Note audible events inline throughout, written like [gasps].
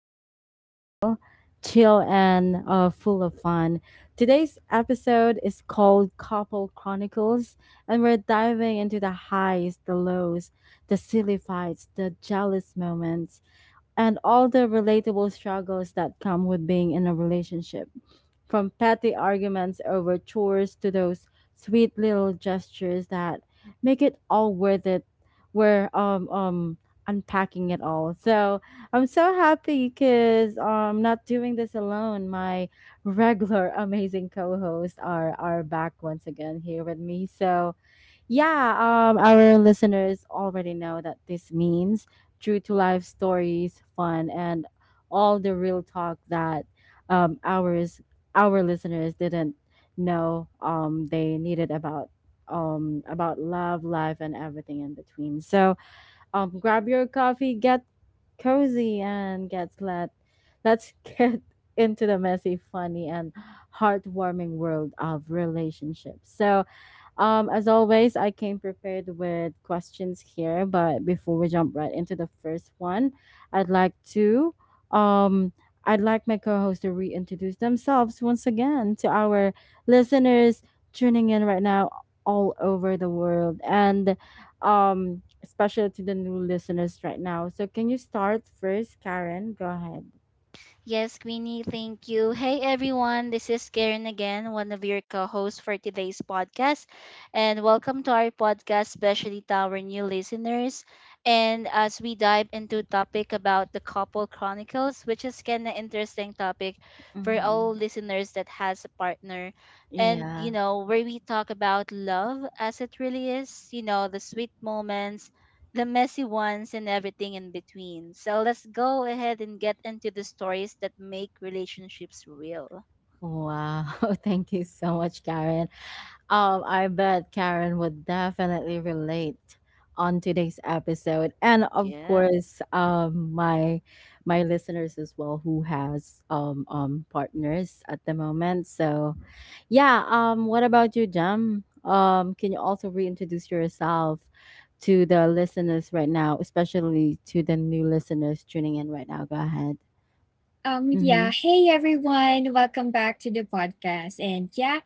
where we keep it real, chill, and full of fun. Today's episode is called Couple Chronicles, and we're diving into the highs, the lows, the silly fights, the jealous moments, and all the relatable struggles that come with being in a relationship, from petty arguments over chores to those sweet little gestures that make it all worth it. We're unpacking it all. So I'm so happy because I'm not doing this alone. My regular [laughs] amazing co-hosts are back once again here with me. So yeah, our listeners already know that this means true to life stories, fun, and all the real talk that um, ours our listeners didn't know they needed about love, life, and everything in between. So grab your coffee, get cozy, and get let let's [laughs] get into the messy, funny, and heartwarming world of relationships. So as always, I came prepared with questions here, but before we jump right into the first one, I'd like to um I'd like my co-host to reintroduce themselves once again to our listeners tuning in right now all over the world, and especially to the new listeners right now. So can you start first, Karen? Go ahead. Mm-hmm. Yeah. Wow. [laughs] Thank you so much, Karen. I bet Karen would definitely relate on today's episode, and of course, my listeners as well who has partners at the moment. So, yeah. What about you, Jam? Can you also reintroduce yourself to the listeners right now, especially to the new listeners tuning in right now? Go ahead. Mm-hmm. Yeah. Hey, everyone. Welcome back to the podcast. And yeah,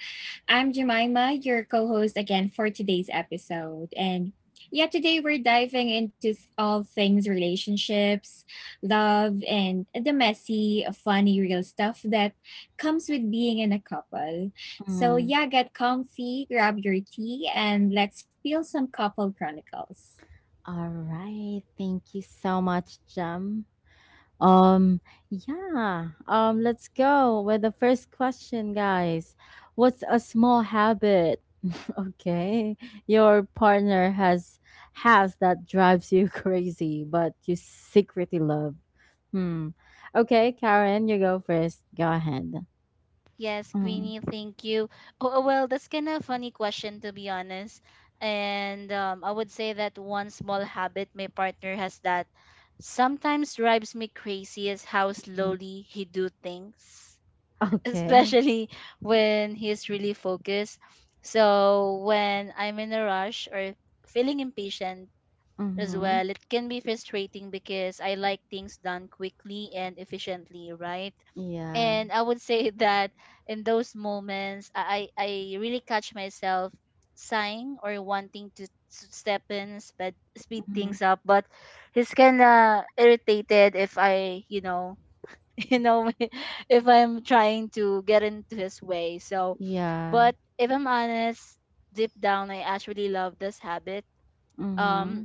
I'm Jemima, your co host again for today's episode. And yeah, today we're diving into all things relationships, love, and the messy, funny, real stuff that comes with being in a couple. So Mm. yeah, get comfy, grab your tea, and let's feel some couple chronicles. All right. Thank you so much, Jam. Um, yeah. Let's go with the first question, guys. What's a small habit, [laughs] okay, your partner has that drives you [laughs] crazy, but you secretly love? Hmm. Okay, Karen, you go first. Go ahead. Mhm. Okay. Mm-hmm. Yeah. Mm-hmm. Yeah. Mm-hmm.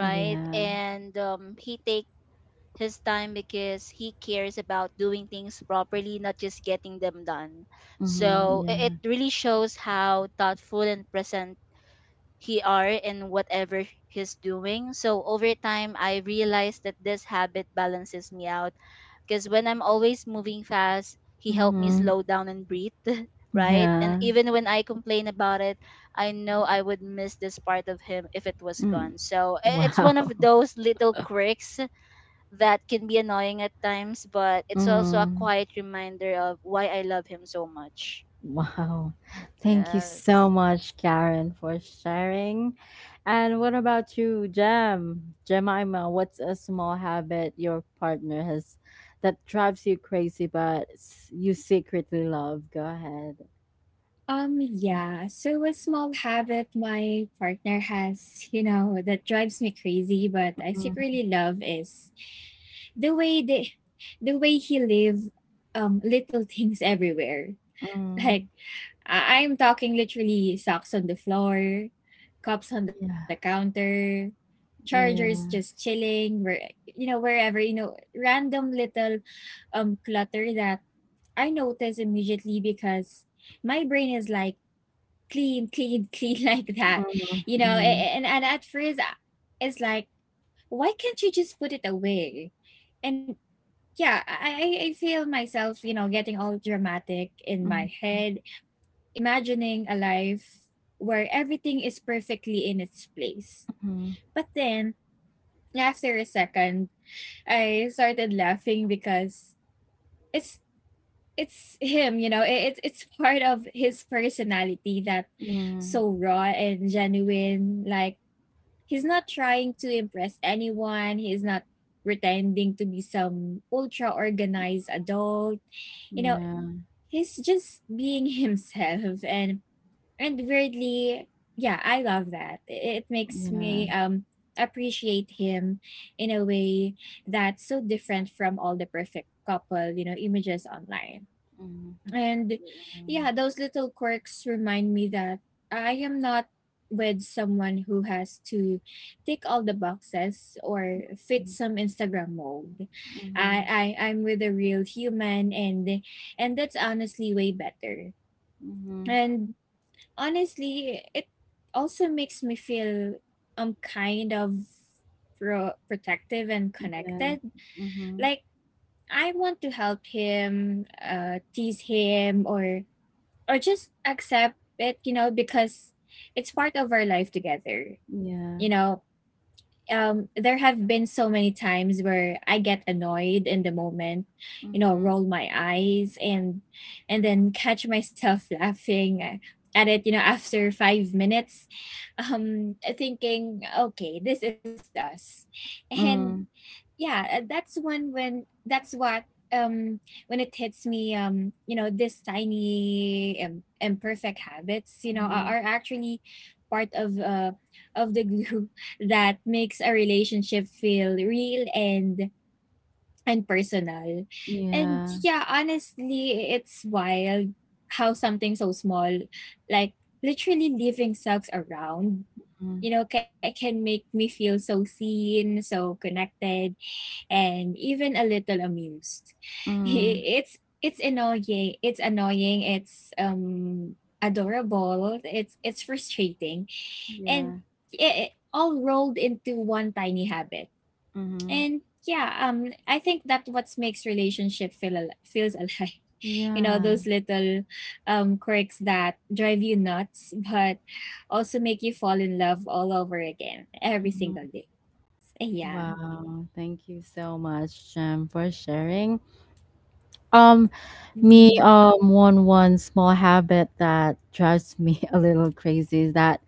Yeah. Mm-hmm. Yeah. Mm-hmm. Yeah. Mm. Wow. Mm, wow. Thank you so much, Karen, for sharing. And what about you, Jem? Jemima, what's a small habit your partner has that drives you crazy but you secretly love? Go ahead. Yeah. So a small habit my partner has, you know, that drives me crazy, but I Mm, secretly love is the way they the way he live little [laughs] things everywhere. Like mm, I'm talking literally socks on the floor, cups on the yeah. counter, chargers just Yeah. chilling, wherever, you know, random little clutter that I notice immediately because my brain is like clean, clean, clean [laughs] like that, Mm, you know. Mm, And at first, it's like, why can't you just put it away? And yeah, I feel myself, you know, getting all dramatic in mm, my head, imagining a life where everything is perfectly in its place. mm, But then after a second, I started laughing because it's it's him, you know. It's [laughs] part of his personality that mm, so raw and genuine, like he's not trying to impress anyone. He's not pretending to be some ultra organized adult. You know, yeah. he's just being [laughs] himself and weirdly, yeah, I love that. It makes Yeah. me appreciate him in a way that's so different from all the perfect couple, you know, images online. Mm, And mm, yeah, those little quirks remind me that I am not with someone who has to tick all the boxes or fit some Instagram mold. mm, I'm with a real human, and that's honestly way better. mm, mm, And honestly, it also makes me feel kind of protective and yeah. connected. Mm-hmm. Like I want to help him, tease him, or just accept it because it's part of our life together. you Yeah. know there have been so many times where I get annoyed in the moment, Mhm. roll my eyes, and then catch myself [laughs] laughing at it, after 5 minutes, thinking, okay, this is us. And Mm. yeah, that's when that's what um when it hits me. This tiny, imperfect habits, you know, are, Mhm. Actually part of the glue [laughs] that makes a relationship feel real and personal. And Yeah. yeah, honestly, it's wild how something so small, like literally leaving socks around, Mm. you know, can make me feel so seen, so connected, and even a little amused. [laughs] Mm. It's annoying. It's annoying. It's adorable. It's frustrating, and Yeah. it all rolled into one tiny habit. Mhm. And yeah, I think that what makes relationship feel feels alive. [laughs] You know, Yeah. those little quirks that drive you nuts, but also make you fall in love all over again every Mhm. single day. Yeah. Wow. Thank you so much, Jem, for sharing. Um, me, Mm-hmm. One small habit that drives me [laughs] a little crazy is that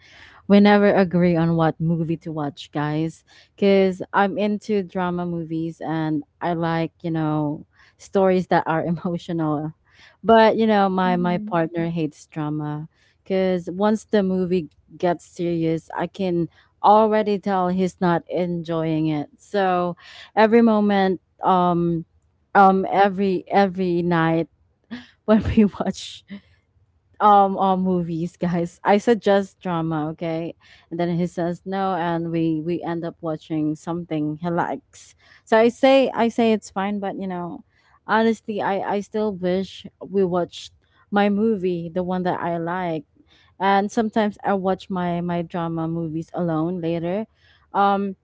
we never agree on what movie to watch, guys. Because I'm into drama movies and I like, you know, stories that are [laughs] emotional. But, you know, my Mm-hmm. partner hates drama. Because once the movie gets serious, I can already tell he's not enjoying it. So every moment, every night [laughs] when we watch all movies, guys, I suggest drama, okay, and then he says no, and we end up watching something he likes. So I say it's fine, but you know, honestly, I still wish we watched my movie, the one that I like. And sometimes I watch my drama movies alone later, um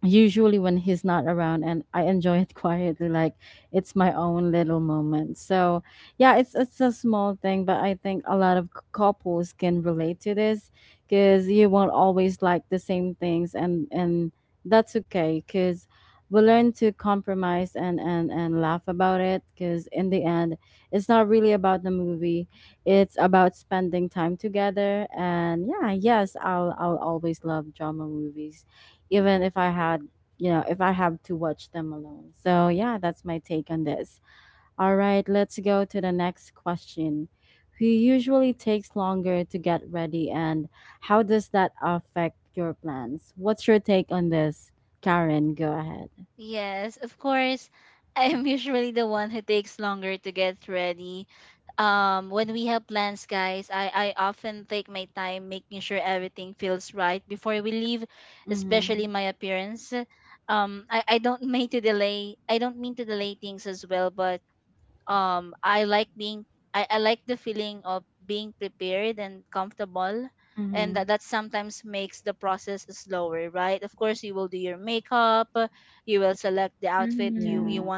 usually when he's not around, and I enjoy it [laughs] quietly, like it's my own little moment. So, yeah, it's a small thing, but I think a lot of couples can relate to this, cuz you won't always like the same things, and that's okay, cuz we learn to Yeah. compromise and laugh about it, cuz in the end it's not really about the movie. It's about spending time together. And yeah, yes, I'll always love drama movies, even if I had, you know, if I have to watch them alone. So, yeah, that's my take on this. All right, let's go to the next question. Who usually takes longer to get ready, and how does that affect your plans? What's your take on this? Karen, go ahead. Mhm. Mhm. Mhm. Yeah.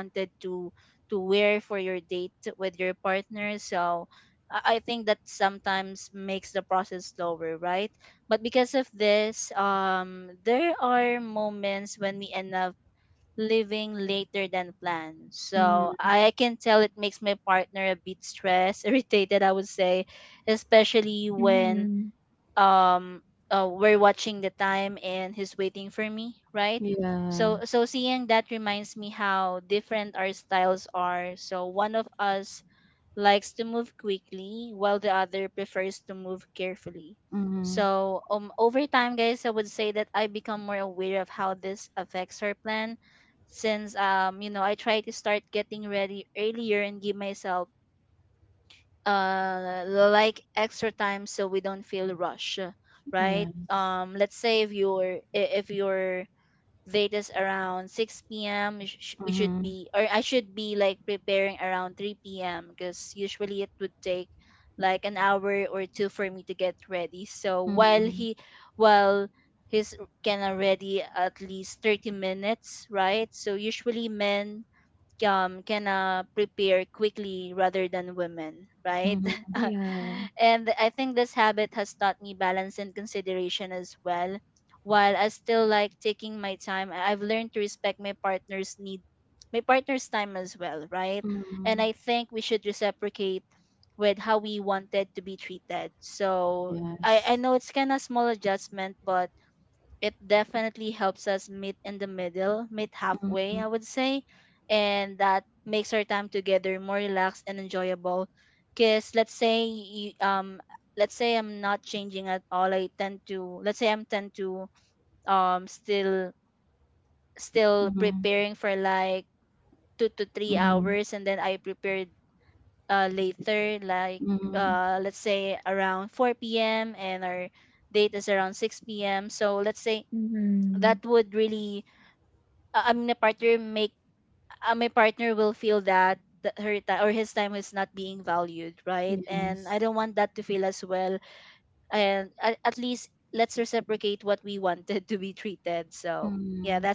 Mhm. Mhm. Yeah. Mhm. Yes. Mhm. Mhm. Mhm. Yeah. Mhm. Yes. Mhm. Mhm. Mhm. Mhm. Mhm. Yes. Mm.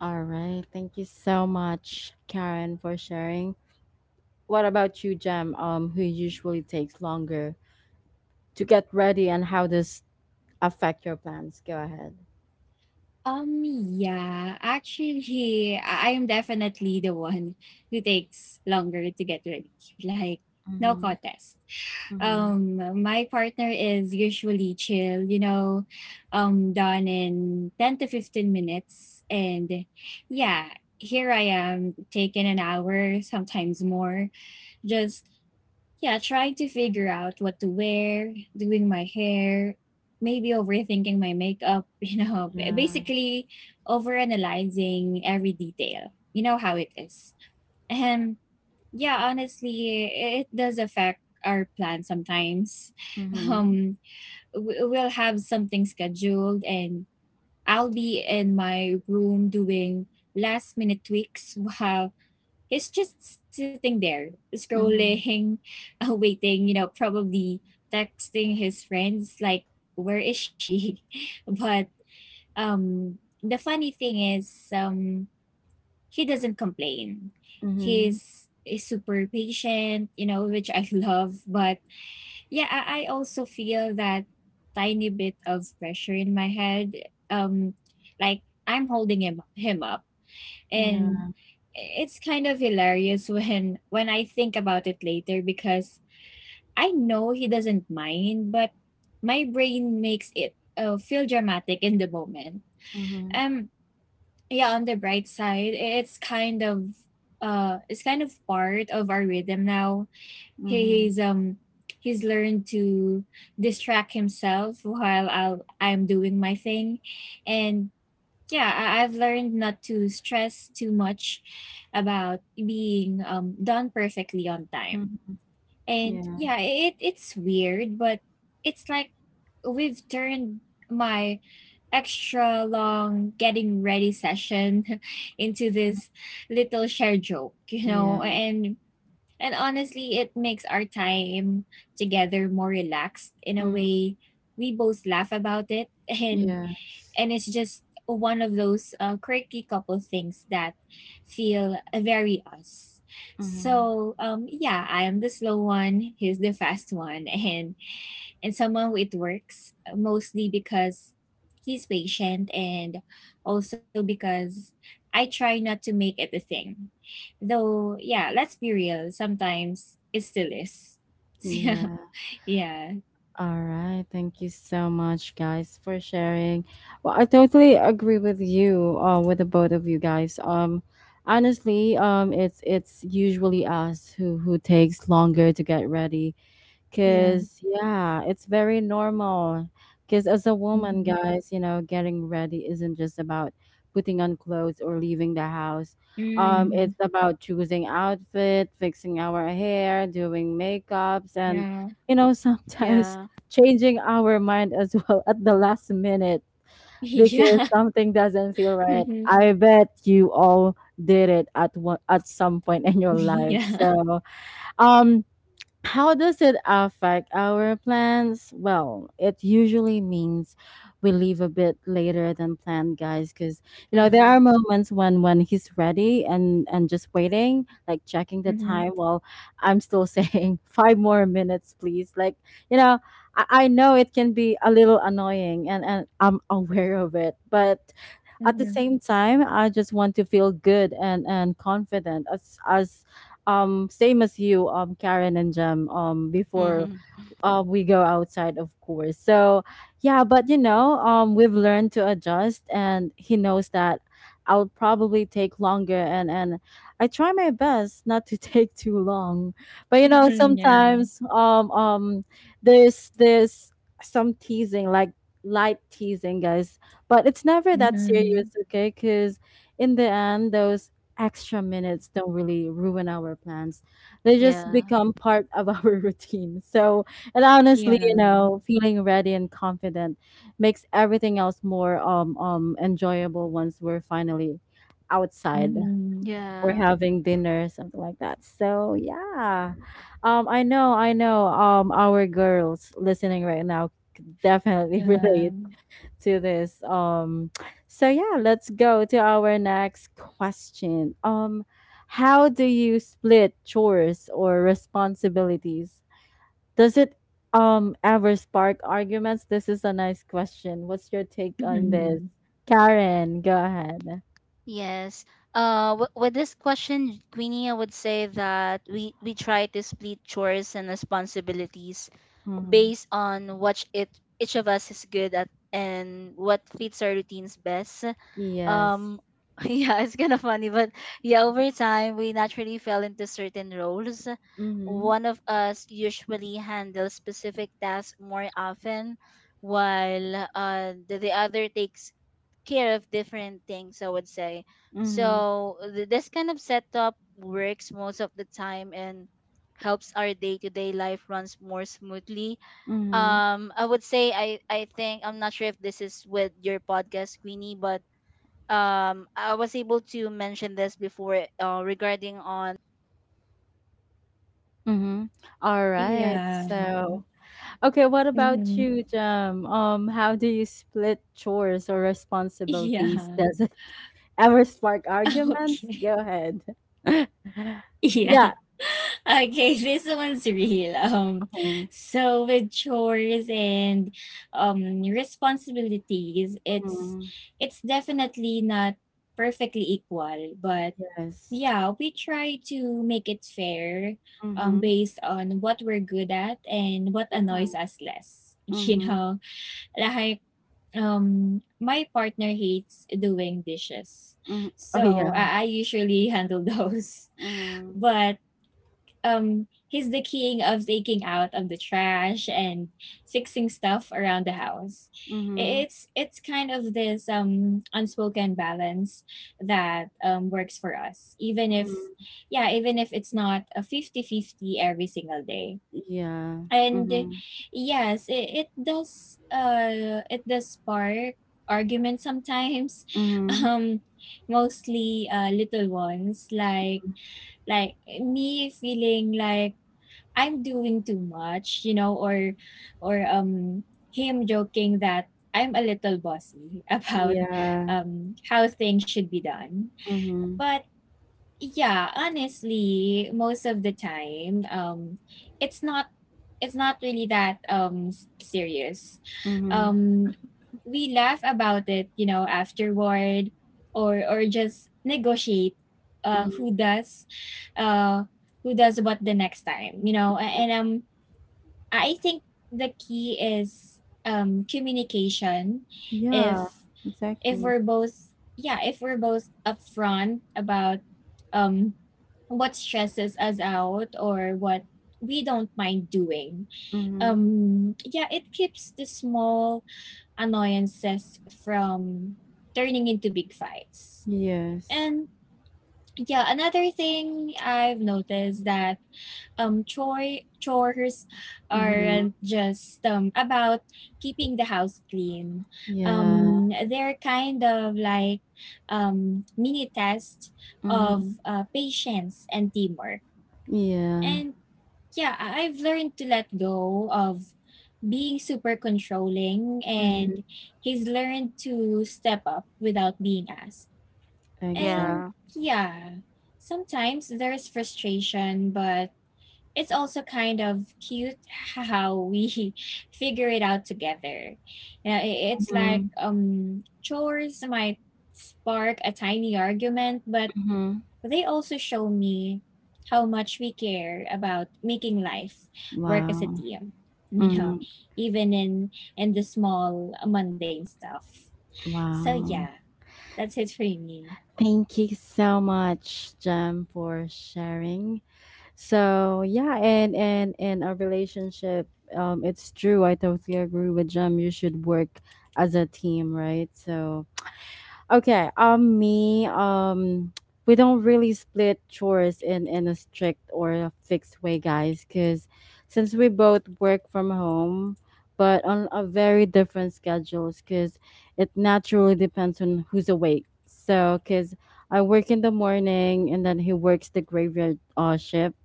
All right. Thank you so much, Karen, for sharing. What about you, Jam? Who usually takes longer to get ready, and how does affect your plans? Go ahead. Yeah, actually, I am definitely the one who takes longer to get ready. [laughs] Like, no Mm-hmm. contest. Mm-hmm. Um, my partner is usually chill, you know, done in 10 to 15 minutes. And yeah, here I am taking an hour, sometimes more, just yeah, trying to figure out what to wear, doing my hair, maybe overthinking my makeup, [laughs] you know, Yeah. basically overanalyzing every detail. You know how it is. And yeah, honestly, it does affect our plan sometimes. [laughs] Mm-hmm. Um, we'll have something scheduled, and I'll be in my room doing last minute tweaks [laughs] while he's just sitting there, Mm-hmm. scrolling, [laughs] waiting, you know, probably texting his friends, like, where is she? [laughs] But um, the funny thing is, um, he doesn't complain. Mm-hmm. Is super patient, you know, which I [laughs] love. But yeah, I also feel that tiny bit of pressure in my head. Um, like I'm holding him up, and Yeah. it's kind of hilarious [laughs] when I think about it later, because I know he doesn't mind, but my brain makes it, feel dramatic in the moment. Mm-hmm. Um, yeah. On the bright side, it's kind of part of our rhythm now. He- Mm-hmm. He's um he's learned to distract himself while I'm doing my thing, and yeah, I've learned not to stress too much about being, done perfectly on time. Mm-hmm. And Yeah. yeah, it's weird, but it's like we've turned my extra long getting ready session [laughs] into this little share joke, you know, Yeah. and honestly it makes our time together more relaxed in a Mm-hmm. way. We both laugh about it, and Yes. It's just one of those quirky couple things that feel very us. Mm-hmm. So yeah, I am the slow one. He's the fast one, and somehow it works, mostly because he's patient, and also because I try not to make it a thing. Though yeah, let's be real. Sometimes it still is. [laughs] Yeah, Yeah. yeah, All right. Thank you so much, guys, for sharing. Well, I totally agree with you, with the both of you, guys. Honestly, it's usually us who takes longer to get ready. yeah. Cause yeah, it's very normal. Cause as a woman, Mm-hmm. guys, you know, getting ready isn't just about putting on clothes or leaving the house. Mm-hmm. It's about choosing outfit, fixing our hair, doing makeups, and Yeah. you know, sometimes [laughs] changing our mind as well at the last minute because [laughs] something doesn't feel Yeah. right. [laughs] I bet you all did it at one at some point in your life. Yeah. [laughs] So, um how does it affect our plans? Well, it usually means we leave a bit later than planned, guys, because you know there are moments when he's ready and just waiting, like checking the time Mhm. while I'm still [laughs] saying five more minutes, please. Like, you know, I know it can be a little annoying, and I'm aware of it, but at the Mhm. same time I just want to feel good and confident as same as you, Karen and Jem, before we go outside, of course. So, yeah, but you know, we've learned to adjust, and he knows that I'll probably take longer, and I try my best not to [laughs] take too long. But you know, Mhm. Yeah. sometimes there's some teasing, like light teasing, guys. But it's never that serious, Mhm. okay? Because in the end, those extra minutes don't really ruin our plans, they just become part of our [laughs] routine. So, and honestly, you know, Yeah. feeling ready and confident makes everything else more enjoyable once we're finally outside Mhm. or having dinner, something like that. So yeah. I know our girls listening right now could definitely [laughs] relate Yeah. to this. So yeah, let's go to our next question. How do you split chores or responsibilities, does it ever spark arguments? This is a nice question. What's your take on this? Mhm. Karen, go ahead. Mm-hmm. Yes. Mm-hmm. Mm-hmm. Mm-hmm. Mm-hmm. All right. Yeah. So, okay, what about Mhm. you, Jam? How do you split chores or Yeah. responsibilities? Does it [laughs] ever spark [laughs] Okay. arguments? Go ahead. [laughs] Yeah. yeah. [laughs] Okay, this one's real. Mm-hmm. So with chores and responsibilities, it's Mm-hmm. it's definitely not perfectly equal, but Yes. yeah, we try to make it fair, Mm-hmm. based on what we're good at and what Yeah. annoys us less. [laughs] You Mm-hmm. know, like, my partner hates doing dishes. Mm. Oh, So yeah. I usually handle those. [laughs] Mm. But he's the king of taking out of the trash and fixing stuff around the house. Mhm. It's kind of this unspoken balance that works for us, even if, Mm. yeah, even if it's not a 50-50 every single day. Yeah. And Mhm. yes, it does spark arguments sometimes. [laughs] Mhm. um Mostly little ones, like me feeling like I'm doing too much, you know, or or um him joking that I'm a little bossy [laughs] about Yeah. How things should be done. Mhm. But yeah, honestly, most of the time, it's not it's not really that serious. Mhm. Um we laugh about it, you know, afterward, or just negotiate uh Mhm. who does uh who does what the next time, you know, and, I think the key is, communication. If Yeah. if Exactly. we're both, yeah, if we're both upfront about, um what stresses us out or what we don't mind doing. Mhm. Yeah, it keeps the small annoyances from turning into big fights. Yes. And yeah, another thing I've noticed, that chores Mhm. aren't just about keeping the house clean. Yeah. They're kind of like mini test Mhm. of, patience and teamwork. Yeah. And yeah, I've learned to let go of being super controlling, and Mhm. he's learned to step up without being asked. Exact. And Yeah. yeah, sometimes there's frustration, but it's also kind of cute how we [laughs] figure it out together. You know, it's like, Mhm. Chores might spark a tiny argument, but Mhm. they also show me how much we care about making life work as a Wow. team. You know, Mm. even in the small mundane stuff. So Wow. yeah, that's it for me. Thank you so much, Jem, for sharing. So yeah, and a relationship, it's true. I totally agree with Jem. You should work as a team, right? So okay. Me. [tsk] We don't really split chores in a strict or a fixed way, guys. Cause since we both work from home, but on a very different schedules. Cause it naturally depends on who's awake. So, cause I work in the morning, and then he works the graveyard shift.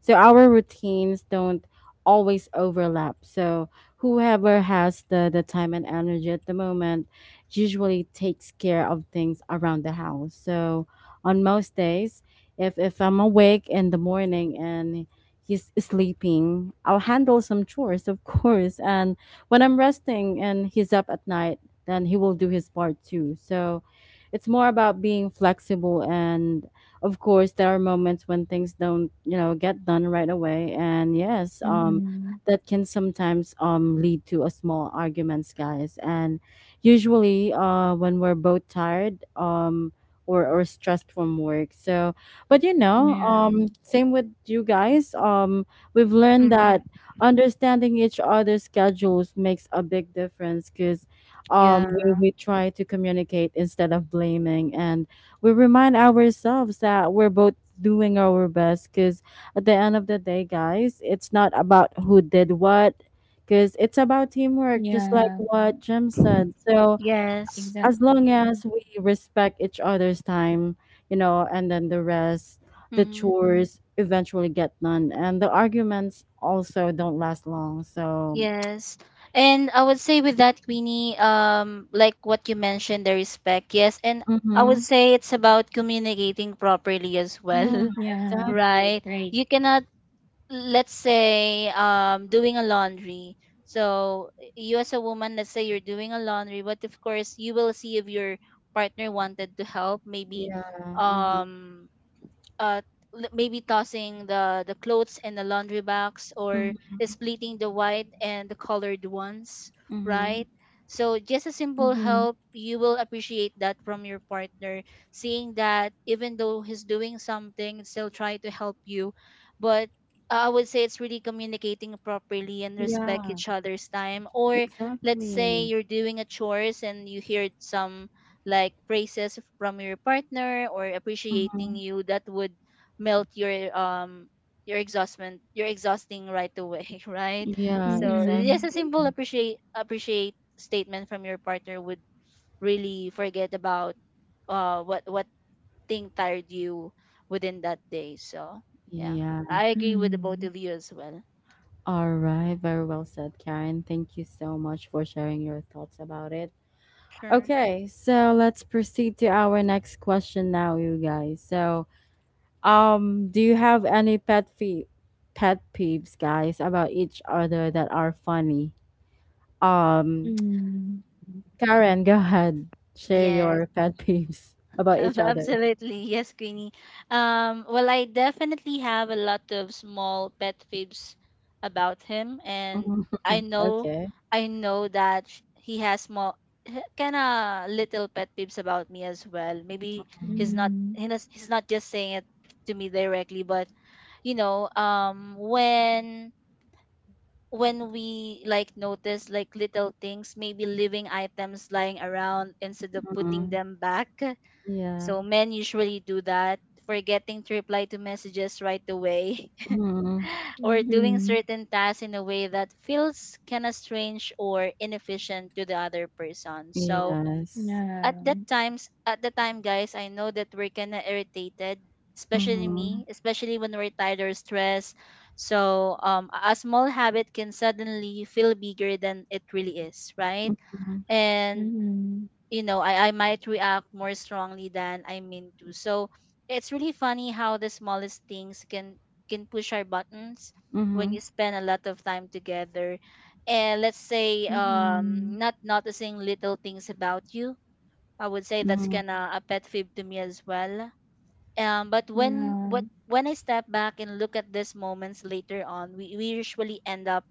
So our routines don't always overlap. So whoever has the time and energy at the moment usually takes care of things around the house. So on most days, if I'm awake in the morning and he's sleeping, I'll handle some chores, of course. And when I'm resting and he's up at night, then he will do his part too. So it's more about being flexible, and of course there are moments when things don't, you know, get done right away. And yes, Mm-hmm. that can sometimes lead to a small arguments, guys, and usually when we're both tired, or stressed from work. So but you know, Yeah, same with you guys, we've learned Hmm. that understanding each other's schedules makes a big difference, because Yeah. we try to communicate instead of blaming, and we remind ourselves that we're both doing our best, because at the end of the day, guys, it's not about who did what, because it's about teamwork, just yeah, like what Jim said. So Yes. as long exactly. as we respect each other's time, you know, and then the rest, the Hmm. chores eventually get done, and the arguments also don't last long. So, Yes. And I would say with that, Queenie, like what you mentioned, the respect, yes. And I mm-hmm. would say it's about communicating properly as Yeah, well, [laughs] Yeah, exactly. right? right. You cannot, let's say, doing a laundry. So you as a woman, let's say you're doing a laundry, but of course you will see if your partner wanted to help, maybe Yeah. Mm-hmm. um uh maybe tossing the clothes in the laundry box or Mm-hmm. splitting the white and the colored ones, Mm-hmm. right? So just a simple Mm-hmm. help, you will appreciate that from your partner, seeing that even though he's doing something, still try to help you. But I would say it's really communicating properly and respect Yeah, each other's time. Or let's say exactly. you're doing a chores and you heard some like praises from your partner or appreciating Mm-hmm. you, that would melt your exhaustment, your exhausting right away, [laughs] right? Yeah, So just Mhm. a exactly. simple appreciate statement from your partner would really forget about what thing tired you within that day. So yeah, Yeah. I agree with the both Mhm. of you as well. All right, very well said, Karen. Thank you so much for sharing your thoughts about it. Sure. Okay, so let's proceed to our next question now, you guys. So do you have any pet peeves, guys, about each other that are funny? Um, Mhm. [tsk] Karen, go ahead. Share your pet [laughs] peeves [laughs] about each other. Absolutely. Yes, Queenie. Well, I definitely have a lot of small pet peeves about him, and Mhm. I [laughs] know, Okay. I know that he has small, kind of little pet peeves about me as well. Maybe Mhm. Mhm. He's not just saying it to me directly, but you know, when we like notice like little things, maybe leaving items lying around instead of putting Mhm. them back. Yeah. So men usually do that, forgetting to reply to messages right away, Mhm. [laughs] or doing Mhm. certain tasks in a way that feels kind of strange or inefficient to the other person. So Yes. Yeah. At the time guys, I know that we're kind of irritated, especially Mm-hmm. me, especially when we're tired or stressed. So a small habit can suddenly feel bigger than it really is, right? Mm-hmm. And Mhm. you know, I might react more strongly than I mean to. So it's really funny how the smallest things can push our buttons when Mm-hmm. you spend a lot of time together, and let's say Mhm. Not noticing little things about you, I would say that's Mhm. kind of a pet peeve to me as well. But Yeah. When I step back and look at these moments later on, we usually end up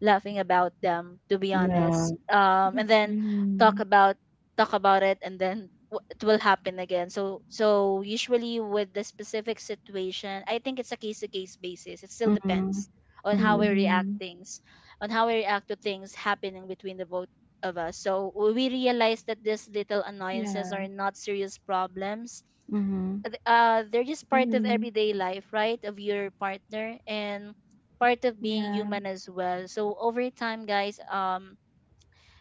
laughing about them, to be Yeah. honest. And then Mhm. talk about talk about it, and then it will happen again. So usually with the specific situation, I think it's a case to case basis. It still Mhm. depends on how we Mhm. Mhm. react things, on how we react to things happening between the both of us. So we realize that these Yeah. little annoyances are not serious problems. Mhm. They're just Mhm. part of everyday life, right? Of your partner, and part of Yeah. being human as well. So over time, guys,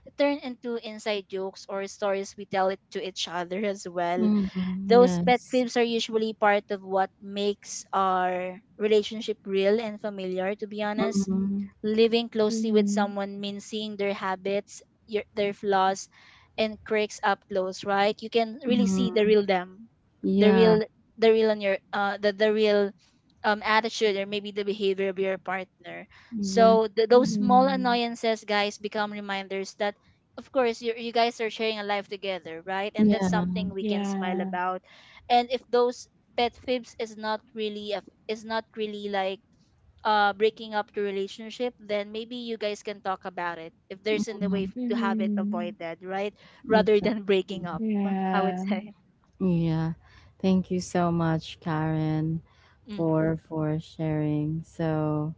it turn into inside jokes or stories we tell it to each other as well. Mhm. Those pet Yes. peeves are usually part of what makes our relationship real and familiar, to be honest. Mhm. Living closely with Mhm. someone means seeing their habits, their flaws, and cracks up close, right? You can really see the Mhm. real them, the Yeah. real, the real on your, the real attitude or maybe the behavior of your partner. So those Exactly. small Mhm. annoyances, guys, become reminders that, of course, you guys are sharing a life together, right? And that's Yeah. something we can smile Yeah. about. And if those pet fibs is not really a, is not really like breaking up the relationship, then maybe you guys can talk about it if there's in the way Mhm. To have it Mhm. avoided, right, rather than breaking Exactly. up, I would Yeah. say. Yeah. Thank you so much, Karen, Mm-hmm. for sharing. So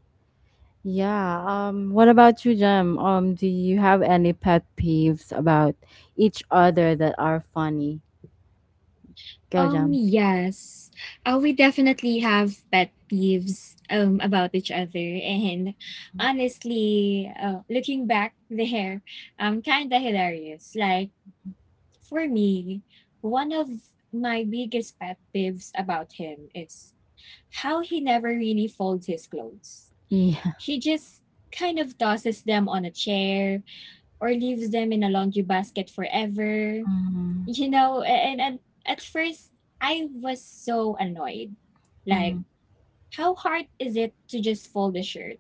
yeah. What about you, Jem? Do you have any pet peeves about each other that are funny? Go, Jem. Yes. We definitely have pet peeves about each other [laughs] and, [laughs] honestly, looking back, [laughs] there, kind of hilarious. Like, for me, one of my biggest pet peeves about him is how he never really folds his clothes. Yeah. He just kind of tosses them on a chair or leaves them in a laundry basket forever. Mhm. You know, and, at first I was so annoyed. Like, Mhm. how hard is it to just fold the shirt?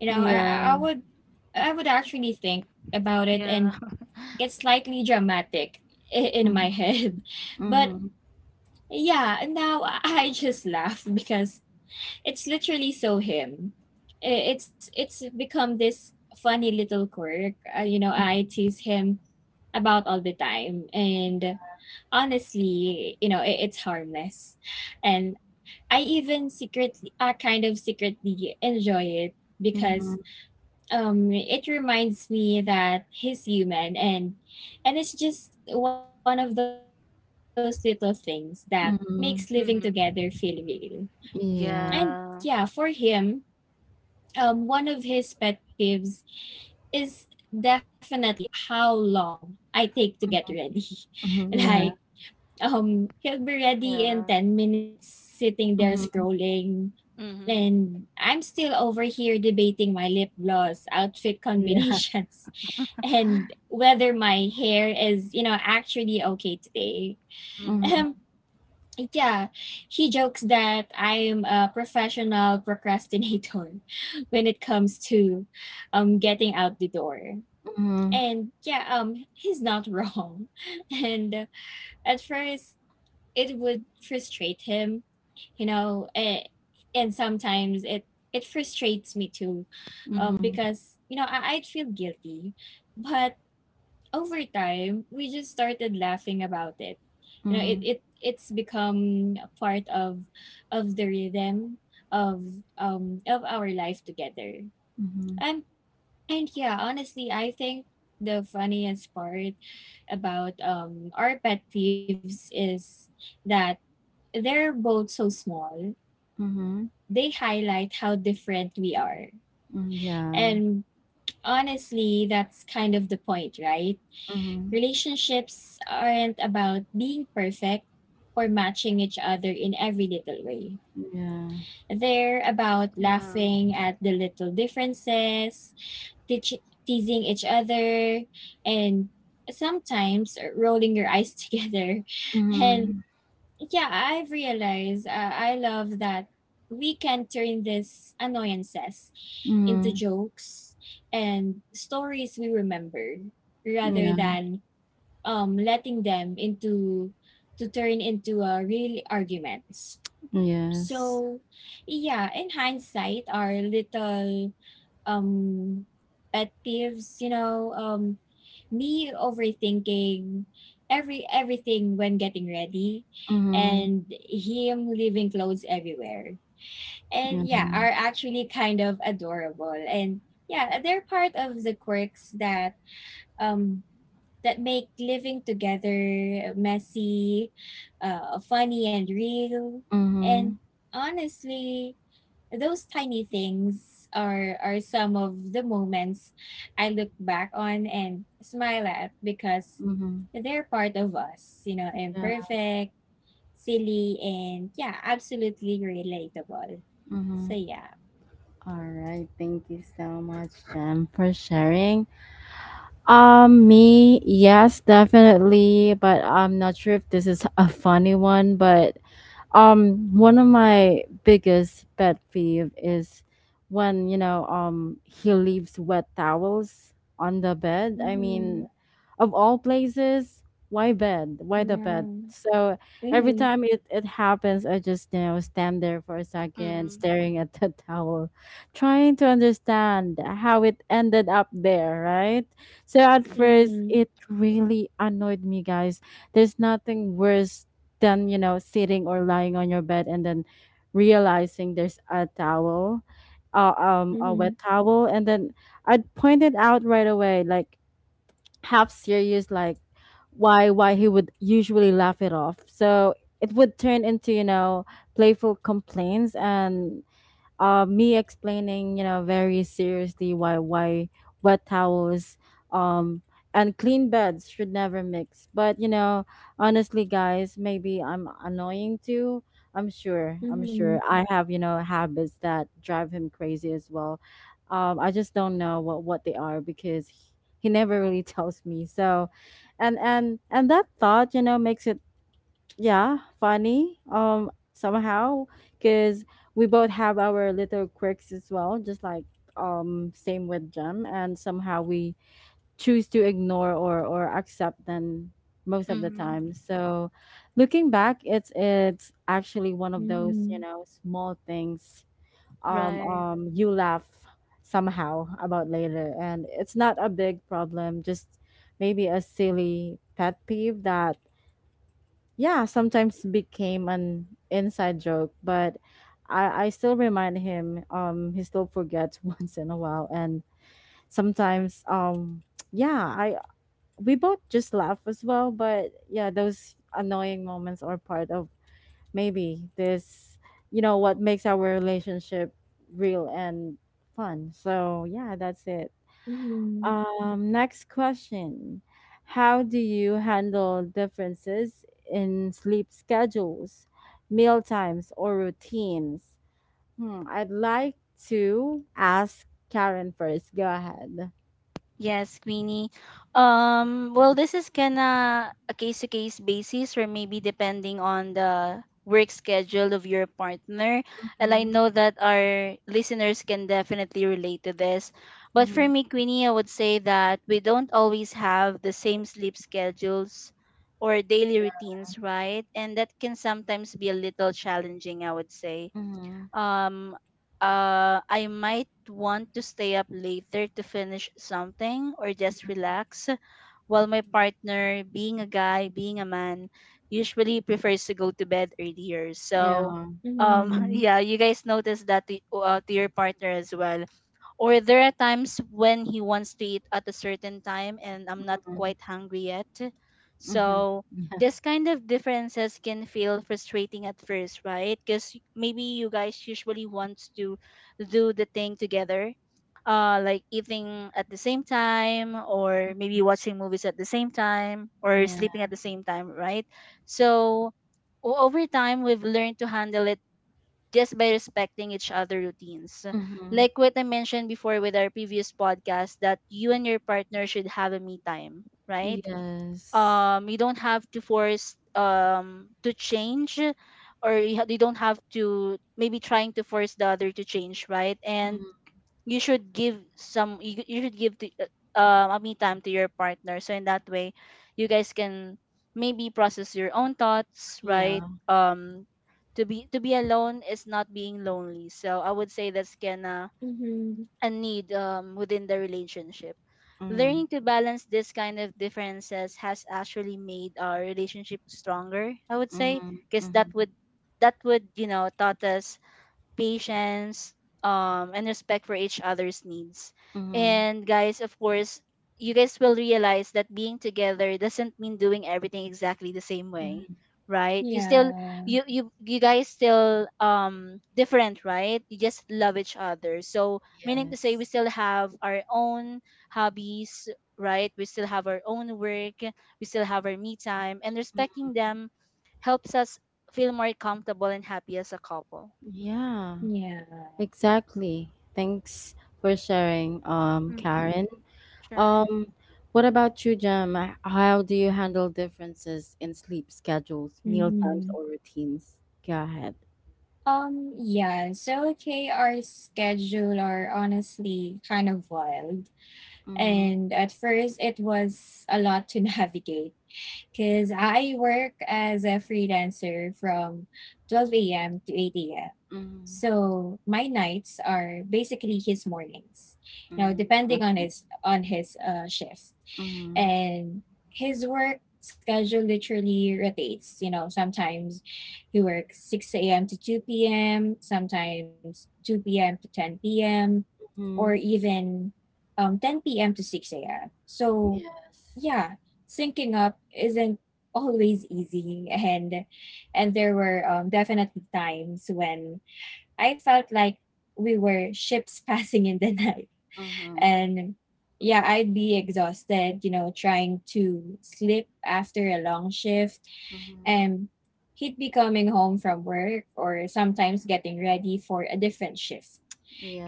You know, Yeah. I would actually think about it Yeah. and get slightly dramatic [laughs] in Mhm, my head. [laughs] But mhm, yeah, now [laughs] I just laugh because it's literally so him. It's become this funny little quirk. You know, [laughs] I Mm-hmm. tease him about all the time. And honestly, you know, it's harmless. And I even kind of secretly enjoy it, because mhm, it reminds me that he's human, and it's just one of those little things that makes living together mhm, feel real. Mm-hmm. And yeah, iya, for Yeah. him, one of his pet peeves is definitely how long I take to get ready. [laughs] mhm, ya, Like, he'll be ready in Yeah. 10 minutes, sitting there mhm, scrolling. Mm-hmm. And I'm still over here debating my lip gloss, outfit iya, combinations, [laughs] and [gasps] whether my hair is, you know, actually okay today. Mm-hmm. Um, mhm, yeah, he jokes that I am a professional procrastinator [laughs] when it comes to, getting out the door. mhm, And yeah, he's not wrong. [laughs] And at first it would frustrate him, you know, and sometimes it frustrates me too, mhm, Mm-hmm. because you know I'd feel guilty, but over time we just started laughing about it. You know, it mhm, it it's become a part of the rhythm of of our life together. mhm, And and yeah, honestly, I think the funniest part about our pet peeves is that they're both so small, but mhm, they highlight how different we are. mhm, ya, And honestly, that's kind of the point, right? mhm, Relationships aren't about being perfect or matching each other in every little way. ya, They're about Yeah. laughing at the little differences, teasing each other, and sometimes rolling your eyes [laughs] together and mhm, yeah, I've realized I love that we can turn these annoyances into mhm, jokes and stories we remember rather ya, than letting them into to turn into real arguments. yes, So, yeah, in hindsight, our little um pet peeves, you know, me overthinking everything when getting ready mhm, and him leaving clothes everywhere. And yeah, mhm, are actually kind of adorable. And yeah, they're part of the quirks um that make living together messy, funny, and real. And mhm, honestly, those tiny things are some of the moments I look back on and smile at because mhm, they're part of us, you know, yeah, imperfect, silly, and yeah, absolutely relatable. mhm. So yeah. All right, thank you so much, Jem, for sharing. Me, yes, definitely, but I'm not sure if this is a funny one, but one of my biggest pet peeve is when, you know, he leaves wet towels on the bed. I mean, Mm-hmm. of all places, why bed? Why Yeah. the bed? So every Mm-hmm. time it happens, I just, you know, stand there for a second, Mm-hmm. staring at the [laughs] towel, trying to understand how it ended up there, right? So at first, Mm-hmm. it really annoyed me, guys. There's nothing worse than, you know, sitting or lying on your bed and then realizing there's a towel a Mm-hmm. wet towel, and then I'd point it out right away, like half serious, like why, why. He would usually laugh it off, so it would turn into, you know, playful complaints and me explaining, you know, very seriously why wet towels um and clean beds should never mix. But you know, honestly, guys, maybe I'm annoying too. i'm sure i'm Mm-hmm. sure I have, you know, habits that drive him crazy as well. Um, I just don't know what they are because he never really [laughs] tells me, so and that thought, you know, makes it yeah, funny. Somehow, because we both have our little quirks as well, just like same with Jem, and somehow we choose to ignore or accept them most of the Mm-hmm. time. So, looking back, it's actually one of those, you Mm-hmm. know, small things. Right. You laugh somehow about later, and it's not a big problem. Just maybe a silly pet peeve that yeah, sometimes became an inside joke, but I still remind him. He still forgets [laughs] once in a while, and sometimes, yeah, I, we both just laugh as well. But yeah, those annoying moments are part of maybe this, you know, what makes our relationship real and fun. So yeah, that's it. Mm-hmm. Next question. How do you handle differences in sleep schedules, meal times, or routines? Hmm, I'd like to ask Karen first. Go ahead. Yes, Queenie. Well, this is gonna a case to case basis, or maybe depending on the work schedule of your partner. And I Mm-hmm, know that our listeners can definitely relate to this. But mm-hmm, for me, Queenie, I would say that we don't always have the same sleep schedules or daily routines, right? And that can sometimes be a little challenging, I would say. mm-hmm. Um, I might want to stay up later to finish something or just relax, while my partner, being a guy, being a man, usually prefers to go to bed earlier. So, Yeah. [laughs] Mhm. yeah, you guys notice that to your partner as well. Or there are times when he wants to eat at a certain time and I'm not Mm-hmm, quite hungry yet. mm-hmm. So this kind of differences can feel frustrating at first, right? Because maybe you guys usually want to do the thing together, like eating at the same time, or maybe watching movies at the same time, or Yeah. sleeping at [laughs] the same time, right? So over time, we've learned to handle it just by respecting each other routines. Yeah. Mm-hmm. Like what I mentioned before with our previous podcast that you and your partner should have a me time, right? Yes. You don't have to force to change, or you don't have to maybe trying to force the other to change, right? And Mm-hmm. you should give some you should give to a me time to your partner, so in that way you guys can maybe process your own thoughts, Yeah. right? To be alone is not being lonely, so I would say that's gonna Mhm. a need within the relationship. Mm-hmm. Learning to balance this kind of differences has actually made our relationship stronger, I would say, because that Mm-hmm. would, you know, taught us patience, and respect for each other's needs. Mm-hmm. And guys, of course, you guys will realize that being together doesn't mean doing everything exactly the same way, Mm-hmm. right? You Yeah. you you guys still different, right? You just love each other. So meaning to say, we Yes. still have our own hobbies, right? We still have our own work. We still have our me time, and Mm, respecting them helps us feel more comfortable and happy as a couple. yeah. Yeah. Exactly. Thanks for sharing, Karen. Sure. Um, what about you, Jem? How do you handle differences in sleep schedules, meal times, or Mhm. routines? Go ahead. Yeah, so KR are honestly kind of wild. Mm-hmm. And at first it was a lot to [laughs] navigate because I work as a freelancer from 12 a.m. to 8 a.m. Mm-hmm. So my nights are basically his mornings. You know, Mm-hmm. depending Okay. On his shift, Mm-hmm. and his work schedule literally rotates. You know, sometimes he works 6 a.m. to 2 p.m., sometimes 2 p.m. to 10 p.m., or Mm-hmm. even 10 p.m. to 6 a.m. So Yes. yeah, syncing up isn't always easy, and there were definitely times when I felt like we were ships [laughs] passing in the night. Mm-hmm. And yeah, I'd be exhausted, you know, trying to sleep after a long shift. Mm-hmm. And he'd be coming home from work or sometimes getting ready for a different shift.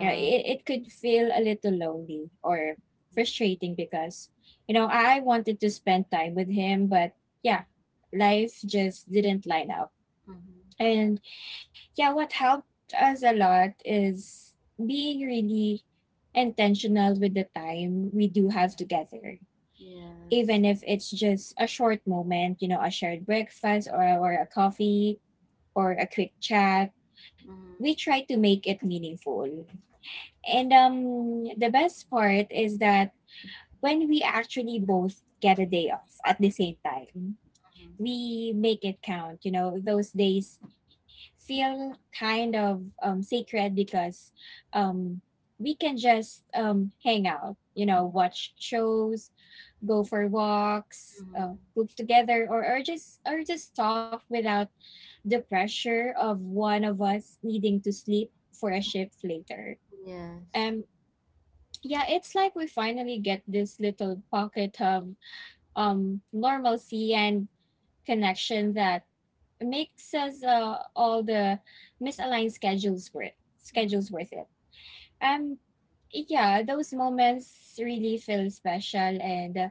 You know, it could feel a little lonely or frustrating because, you know, I wanted to spend time with him, but yeah, life just didn't line up. Mm-hmm. And yeah, what helped us a lot is being really intentional with the time we do have together. Yes. Even if it's just a short moment, you know, a shared breakfast or a coffee or a quick chat, Mm-hmm. we try to make it meaningful. And the best part is that when we actually both get a day off at the same time, Mm-hmm. we make it count. You know, those days feel kind of sacred because um, we can just hang out, you know, watch shows, go for walks, Mm-hmm. Cook together, or just talk without the pressure of one of us needing to sleep for a shift later. Yes. Um, yeah, it's like we finally get this little pocket of normalcy and connection that makes us all the misaligned Mm-hmm. schedules worth it. Um, yeah, those moments really feel special, and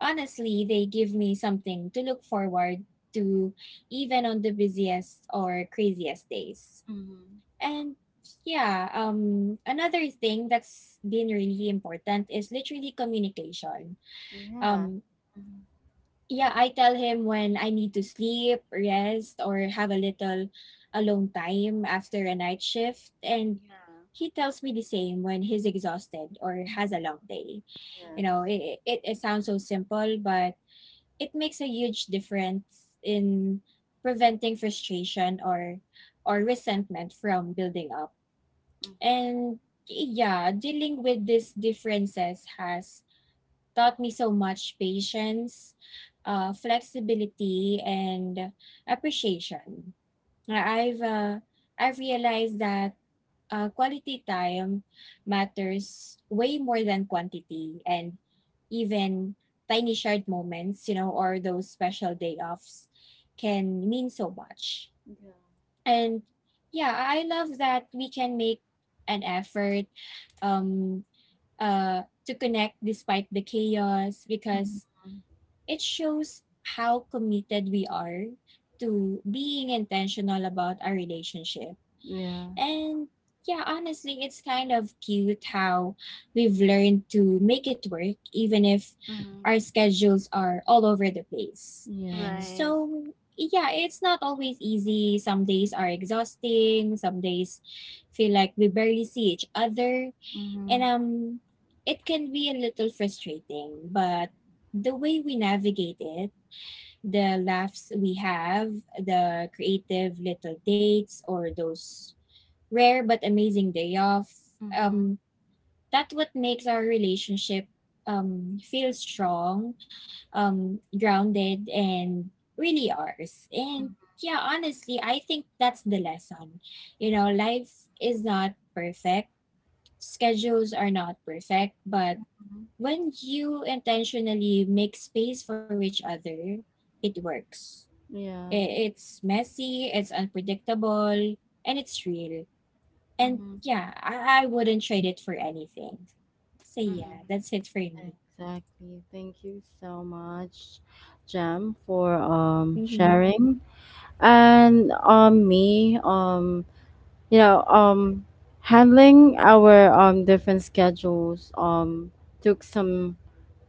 honestly, they give me something to look forward to, even on the busiest or craziest days. Mm-hmm. And yeah, another thing that's been really important is literally communication. Yeah. Um, Mm-hmm. yeah, I tell him when I need to sleep, rest, or have a little alone time after a night shift. And Yeah. he tells me the same when he's exhausted or has a long day. You know, Mm-hmm. Yes. it sounds so simple, but it makes a huge difference in preventing frustration or resentment from building up. Mhm. And yeah, dealing with these differences has taught me so much patience, flexibility, and appreciation. Mm. I- have I've realized that quality time matters way more than quantity, and even tiny shared moments, you know, or those special day offs can mean so much. Yeah. And yeah, I love that we can make an effort um, to connect despite the chaos Mhm. because it shows how committed we are to being intentional about our relationship. Yeah. And yeah, honestly, it's kind of cute how we've learned to make it work, even if Mm-hmm. our schedules are all over the place. Right. Yes. So, yeah, it's not always easy. Some days are exhausting, some days feel like we barely see each other, and Mhm. It can be a little frustrating, but the way we navigate it the laughs we have, the creative little dates, or those rare but amazing day off. Mhm. Um, thats what makes our relationship feel strong, grounded, and really ours. And yeah, honestly, I think that's the lesson. You know, life is not perfect, schedules are not perfect, but Mhm. when you intentionally make space for each other, it works. I- Yeah. It's messy, it's unpredictable, and it's real. And Mhm. yeah, I wouldn't trade it for anything. So yeah, Mm-hmm. that's it for me. Exactly. Thank you so much, Jam, for Mm-hmm. sharing. And me um, you know, handling our different schedules took some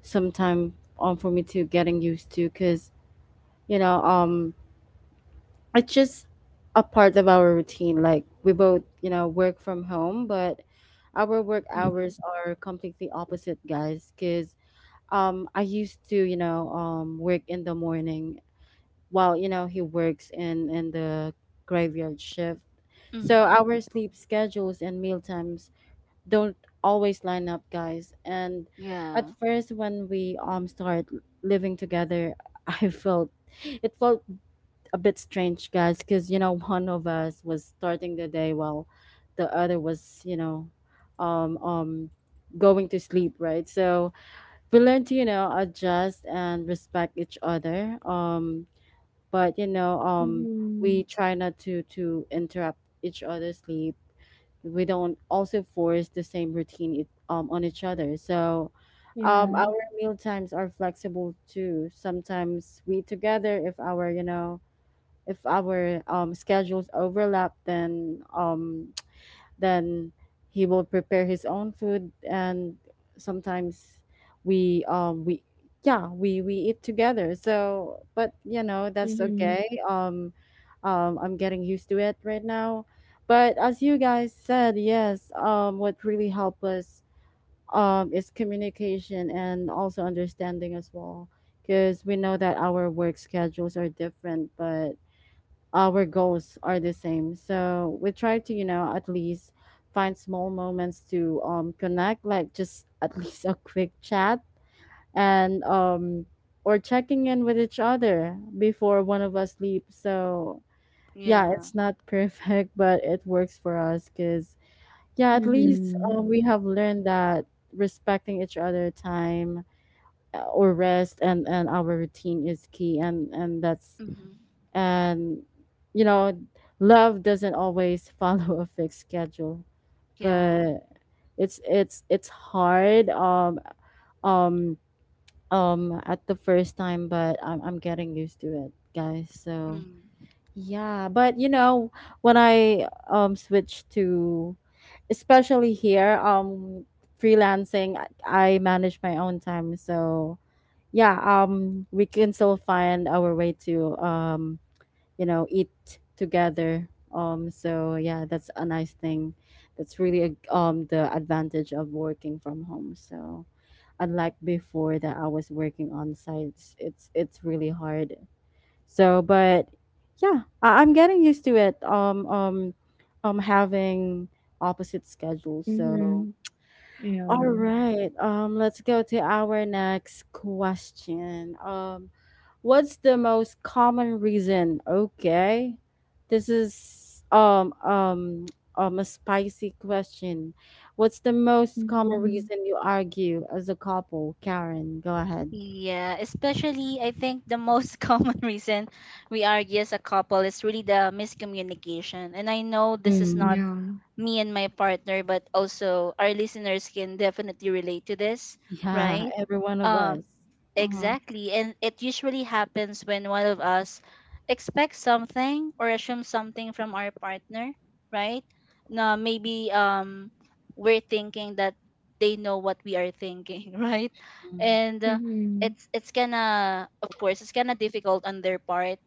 some time for me to getting used to because you know it's just a part of our routine. Like we both, you know, work from home, but our work Mm-hmm. hours are completely opposite, guys. Because I used to, you know, work in the morning while, you know, he works in the graveyard shift. So Mm-hmm. our sleep schedules and meal times don't always line up, guys. And at Yeah. first, when we start living together, [laughs] I felt, it felt a bit strange, guys, because you know one of us was starting the day while the other was, you know, um, um, going to sleep, right? So we learn to, you know, adjust and respect each other. But you know, Mm-hmm. we try not to interrupt each other's sleep. We don't also force the same routine it, um, on each other. So. Yeah. Our meal times are flexible too. Sometimes we eat together if our, you know, if our schedules overlap, then he will prepare his own food, and sometimes we yeah we eat together. So, but you know Mm-hmm. that's okay. I'm getting used to it right now. But as you guys said, yes, what really helped us is communication and also understanding as well because we know that our work schedules are different but our goals are the same. So we try to, you know, at least find small moments to connect, like just at [laughs] least a quick chat and or checking in with each other before one of us sleeps. So yeah, Yeah. it's not perfect, [laughs] but it works for us because yeah, at Mm-hmm. least we have learned that respecting each other time or rest and our routine is key, and that's Mm-hmm. and you know love doesn't always [laughs] follow a fixed schedule Yeah. but it's it's hard um at the first time, but I'm getting used to it, guys, so Mm-hmm. yeah but you know when I switched to especially here freelancing, I manage my own time so yeah we can still find our way to you know eat together so yeah that's a nice thing that's really a, the advantage of working from home, so unlike before that I was working on sites, it's really hard so but yeah I'm getting used to it having opposite schedules, Mm-hmm. so Yeah. all right let's go to our next question. Um, what's the most common reason? Okay. This is a spicy question. What's the most common Mm-hmm. reason you argue as a couple, Karen? Go ahead. Yeah, especially I think the most [laughs] common reason we argue as a couple is really the miscommunication. And I know this is not Mm. Yeah. me and my partner, but also our listeners can definitely relate to this, Yeah, right? every one of Um, us. Mm-hmm. exactly. And it usually happens when one of us expects something or assumes something from our partner, right? Now, maybe we're thinking that they know what we are thinking, [laughs] right? And Mm-hmm. it's gonna of course it's gonna difficult on their part,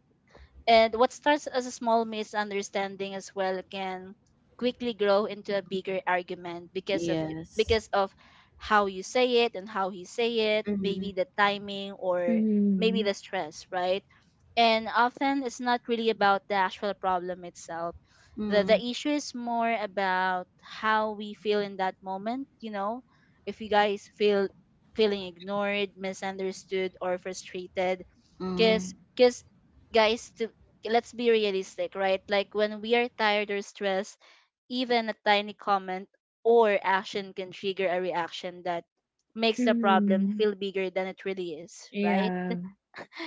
and what starts as a small misunderstanding as well can quickly grow into a bigger argument because of Yes. because of how you say it and how he say it, Mm-hmm. maybe the timing or maybe Mm-hmm. the stress, right? And often it's not really about the actual problem itself. The issue is more about how we feel in that moment, you know, if you guys feel feeling ignored, misunderstood or frustrated, Mm-hmm. Because guys to let's be realistic, right? Like when we are tired or stressed, even a tiny comment or action can trigger a reaction that makes the problem Mm-hmm. feel bigger than it really is, right? Yeah.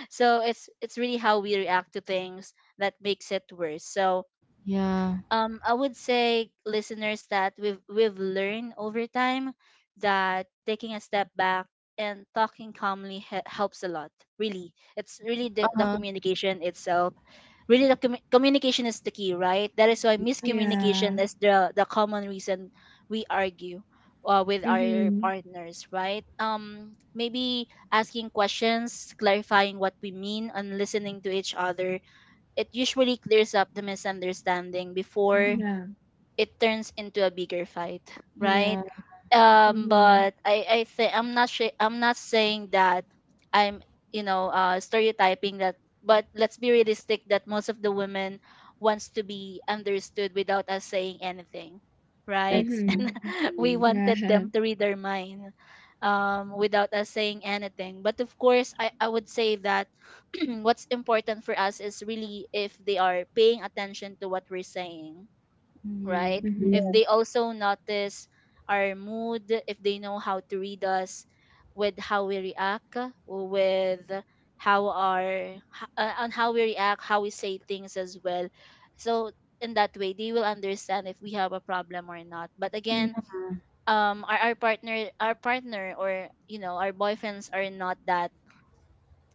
So it's really how we react to things that makes it worse. So Yeah. I would say listeners that we've learned over time that taking a step back and talking calmly helps a lot. Really, it's really the Uh-huh. communication itself. Really, the communication is the key, right? That is why Yes. Yeah. miscommunication is the common reason we argue, with our Mm-hmm. partners, right? Maybe asking questions, clarifying what we mean, and listening to each other, it usually clears up the misunderstanding before Mm, Yeah. it turns into a bigger fight, right? yeah, Mm-hmm. But I think I'm not sure I'm not saying that I'm you know, stereotyping that, but let's be realistic that most of the women wants to be understood without us saying anything, right? exactly. Mm-hmm. [laughs] We Yeah. [laughs] wanted them to read our mind, without us saying anything. But of course, I would say that [clears throat] what's important for us is really if they are paying attention to what we're saying, right? Mm, If yeah, Mm-hmm. they also notice our mood, if they know how to read us with how we react, with on how we react, how we say things as well. So in that way, they will understand if we have a problem or not. But yeah, again, our partner or you know our boyfriends are not that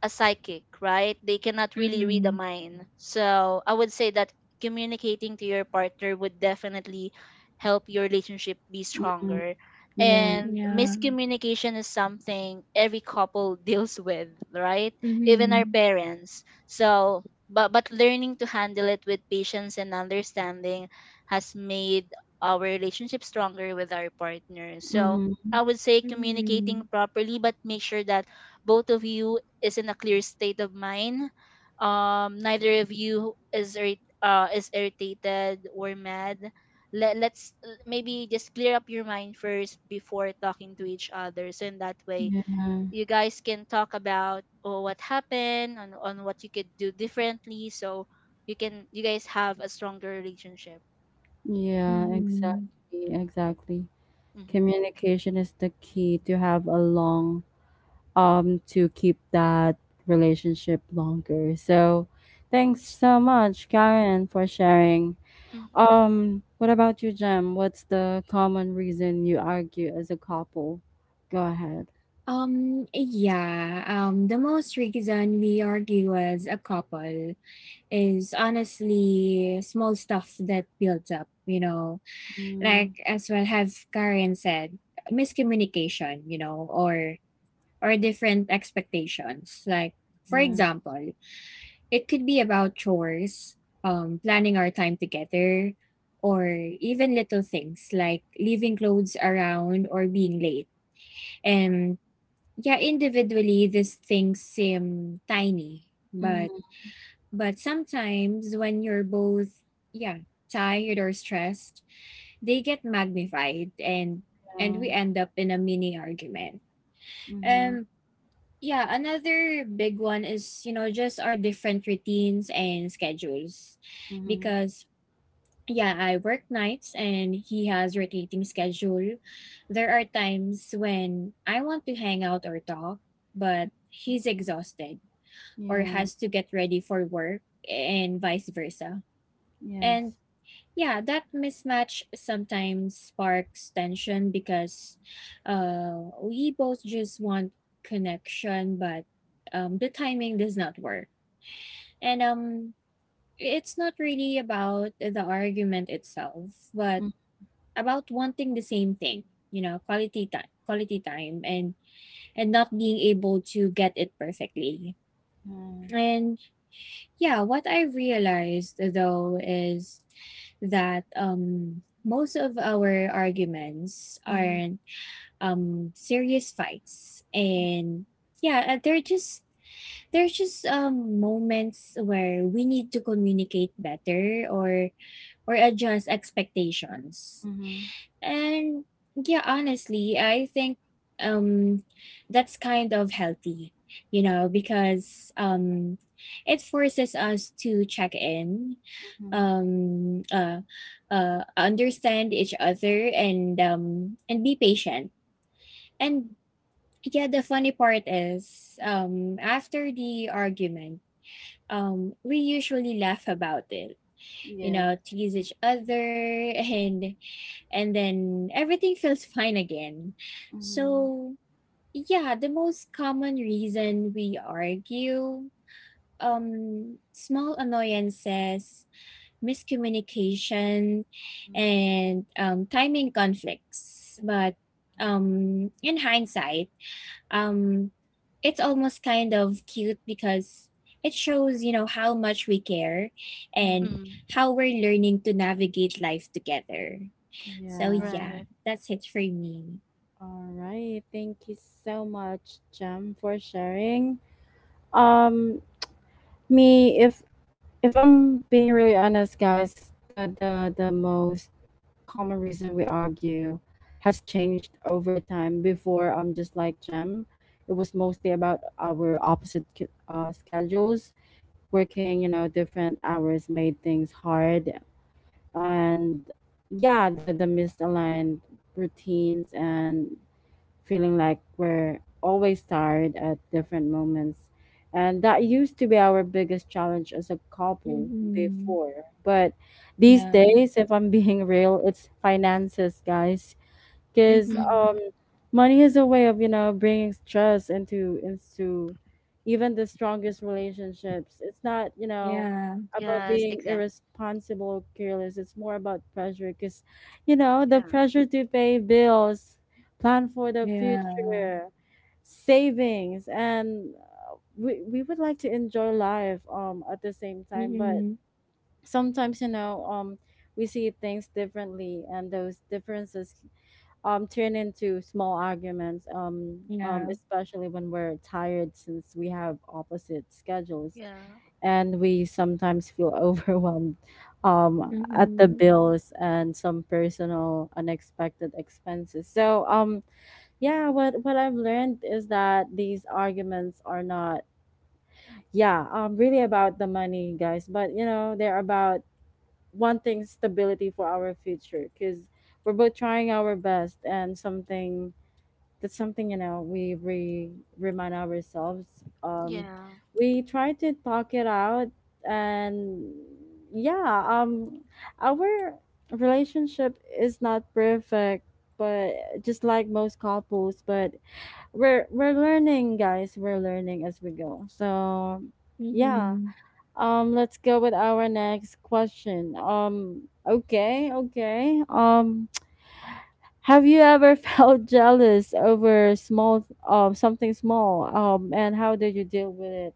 a psychic, right? They cannot really read a Mm-hmm. mind. So I would say that communicating to your partner would definitely help your relationship be mm, stronger. yeah. And Yeah. miscommunication is something every couple [laughs] deals with, right? Even our Mhm. parents. So but learning to handle it with patience and understanding has made our relationship stronger with our partner. So Mm-hmm. I would say communicating Mhm. properly, but make sure that both of you is in a clear state of mind. Neither of you is is irritated or mad. Let's maybe just clear up your mind first before talking to each other. So in that way, Yeah, you guys can talk about oh, what happened on what you could do differently. So you guys have a stronger relationship. yeah, Mhm. exactly, exactly. Mm-hmm. Communication is the key to have a long to keep that relationship longer. So, thanks so much, Karen, for sharing. Mm-hmm. What about you, Jem? What's the common reason you argue as a couple? Go ahead. Yeah, the most reason we argue as a couple is honestly small stuff that builds up, you know, like Mm, as well have Karen said, miscommunication, you know, or different expectations. Like, for yes. example, it could be about chores, planning our time together, or even little things like leaving clothes around or being late. And yeah, individually, these things seem tiny, but Mm, but sometimes when you're both yeah tired or stressed, they get magnified, and yeah. we end up in a mini argument. Mm-hmm. Um, yeah, another big one is, you know, just our different routines and schedules. Mm-hmm. Because, yeah, I work nights and he has rotating schedule. There are times when I want to hang out or talk, but he's exhausted or Yeah. has to get ready for work and vice versa. And Yes. yeah, that mismatch sometimes sparks tension because we both just want connection, but the timing does not work. And it's not really about the argument itself, but Mm-hmm. about wanting the same thing, you know, quality time, and not being able to get it perfectly. And yeah, what I realized though is that most of our arguments Mm-hmm. aren't serious fights, and yeah, they're just there's just moments where we need to communicate better or adjust expectations Mm-hmm. and yeah, honestly, I think um that's kind of healthy, you know, because it forces us to check in, Mm-hmm. um uh understand each other and be patient. And yeah, the funny part is after the argument, we usually laugh about it, you Yeah. know, tease each other [laughs] and then everything feels fine again. Mhm. So, yeah, the most common reason we argue small annoyances, miscommunication and timing conflicts, but in hindsight, um it's almost kind of cute because it shows, you know, how much we care Mhm. and Mm-hmm. how we're learning to navigate life together. So Yeah. Right. yeah, that's it for me. All right. Thank you so much, Jem, for sharing. Um, me, if I'm being really honest, guys, the most common reason we argue has changed over time. Before, I'm just like Jem. It was mostly about our opposite schedules. Working, you know, different hours made things hard, and yeah, the misaligned routines and feeling like we're always tired at different moments, and that used to be our biggest challenge as a couple Mm-hmm. before. But these No. days, if I'm being [laughs] real, it's finances, guys, because Mm-hmm. Mm-hmm. Money is a way of, you know, bringing stress into even the strongest relationships. It's not, you know, Yeah. about Yes. being Exactly. irresponsible or careless. It's more about pressure, because you know the Yeah. pressure to pay bills, plan for the Yeah. future, savings, and we would like to enjoy life at the same time. But Mm-hmm. sometimes, you know, um, we see things differently, and those differences turn into small arguments Yeah. especially when we're tired since we have opposite schedules, Yeah. and we sometimes feel [laughs] overwhelmed at the Mm-hmm. bills and some personal unexpected expenses. So yeah, what I've learned is that these arguments are not yeah really about the money, guys, but you know they're about wanting stability for our future, because we're both trying our best, and something, that's something, you know, remind ourselves. Um, Yeah. we try to talk it out, and yeah our relationship is not perfect, but just like most couples, but we're learning, guys. We're learning as we go, so yeah Mm-hmm. Let's go with our next question. Um, okay, okay, um, have you ever [laughs] felt jealous over small something small and how did you deal with it?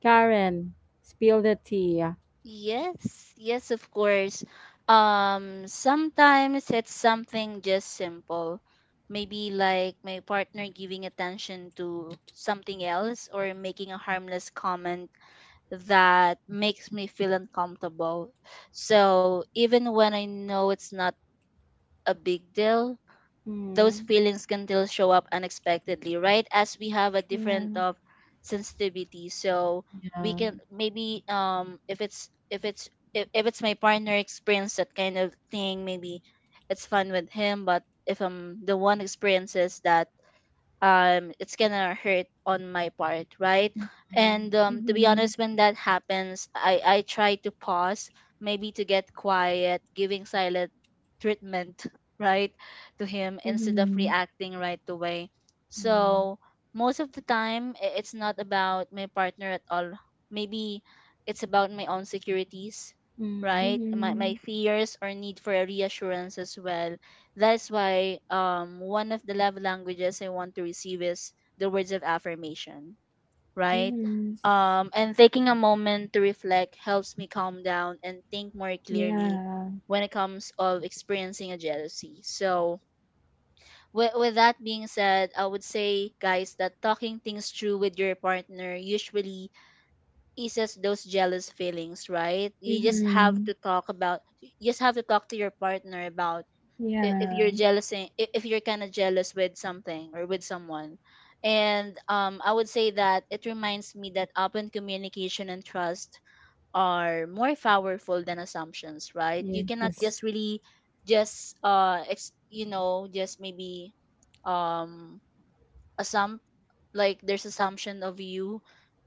Karen, spill the tea. Yes, yes, of course. Sometimes it's something just simple. Maybe like my partner giving attention to something else or making a harmless comment that makes me feel uncomfortable. So even when I know it's not a big deal, those Mm-hmm. feelings can still show up unexpectedly, right? As we have a Yeah. different of sensitivity, so we Yeah. can maybe if it's if it's if it's my partner experience that kind of thing, maybe it's fun with him. But if I'm the one experiences that it's gonna hurt on my part, right? Mm-hmm. And um, to be Mm-hmm. honest, when that happens, I try to pause, maybe to get quiet, giving silent treatment [laughs] right to him instead of Mm-hmm. reacting right away. Yeah. So most of the time, it's not about my partner at all. Maybe it's about my own securities, Mm-hmm. right? My Mm-hmm. fears or need for a reassurance as well. That is why one of the love languages I want to receive is the words of affirmation, right? Mm-hmm. Yes. Um, and taking a moment to reflect helps me calm down and think more clearly Yeah. when it comes of experiencing a jealousy. So, with that being said, I would say guys that talking things through with your partner usually eases those jealous feelings, right? Mm-hmm. You just have to talk to your partner about if you're Yeah. jealous, eh, if you're kind of jealous with something or with someone. And I would say that it reminds me that open communication and trust are more powerful than assumptions. Right, you cannot Yes. just really just you know, just maybe um assump, like there's assumption of you,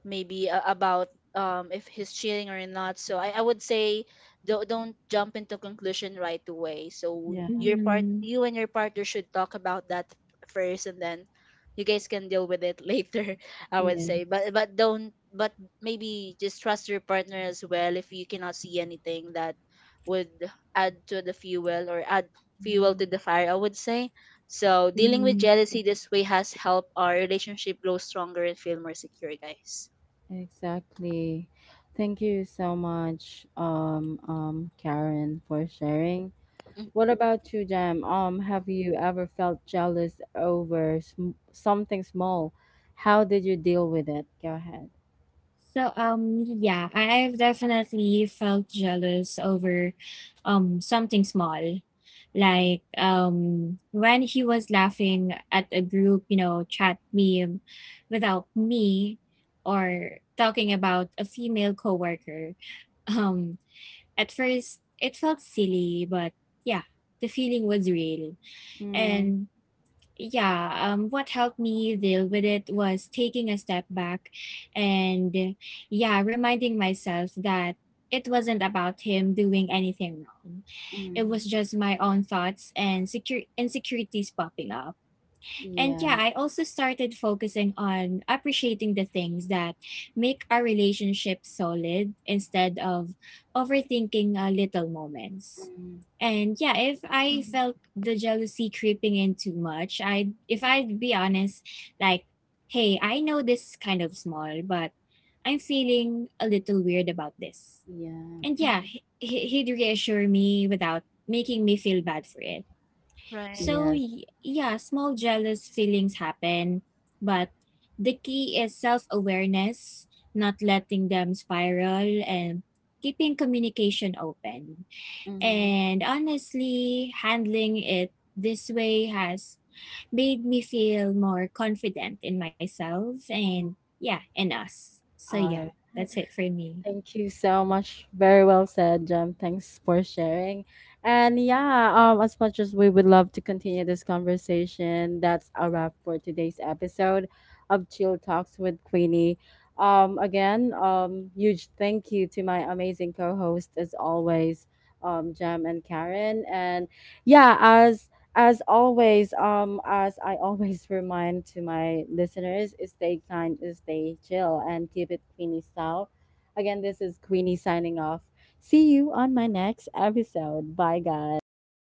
maybe about if he's cheating or not. So I would say don't jump into conclusion right away. So Yeah. your part, Mm-hmm. you and your partner should talk about that first, and then you guys can deal with it [laughs] later, I would say. Yes. But but don't but maybe just trust your partner as well if you cannot see anything that would add to the fuel or add fuel Mhm. to the fire, I would say. So dealing with Mm-hmm. jealousy this way has helped our relationship grow stronger and feel more secure, guys. Exactly. Thank you so much, Karen, for sharing. Mm. What about you, Jam? Have you ever felt jealous over something small? How did you deal with it? Go ahead. So yeah, I've definitely felt jealous over something small. Mm-hmm. Like when he was laughing at a group, you know, chat meme without me or talking about a female coworker. [laughs] Um at first it felt silly, but yeah, the feeling was real. Mm, And yeah what helped me deal with it was taking a step back and yeah reminding myself that it wasn't about him doing anything wrong. It mm. was just my own thoughts and secure insecurities popping up and Yeah. yeah, I also started focusing on appreciating the things that make our relationship solid instead of overthinking little moments. Mm. And yeah, if I Mm-hmm. felt the jealousy creeping in too much, I'd if I'd be honest, like, hey, I know this is kind of small, but I'm feeling a little weird about this. Yeah. And yeah, he'd reassure me without making me feel bad for it Right. so, Yes. Yeah, small jealous feelings happen, but the key is self awareness, not letting them spiral, and keeping communication open. Mm-hmm. And honestly, handling it this way has made me feel more confident in myself and, yeah, in us. So, yeah, All right. that's it for me. Thank you so much. Very well said, Jem. Thanks for sharing. And yeah, as much as we would love to continue this conversation, that's a wrap for today's episode of Chill Talks with Queenie. Again, huge thank you to my amazing co-host as always, Jem and Karen. And yeah, as always, as I always [laughs] remind to my listeners, stay kind, stay chill, and keep it Queenie style. Again, this is Queenie signing off. See you on my next episode. Bye, guys.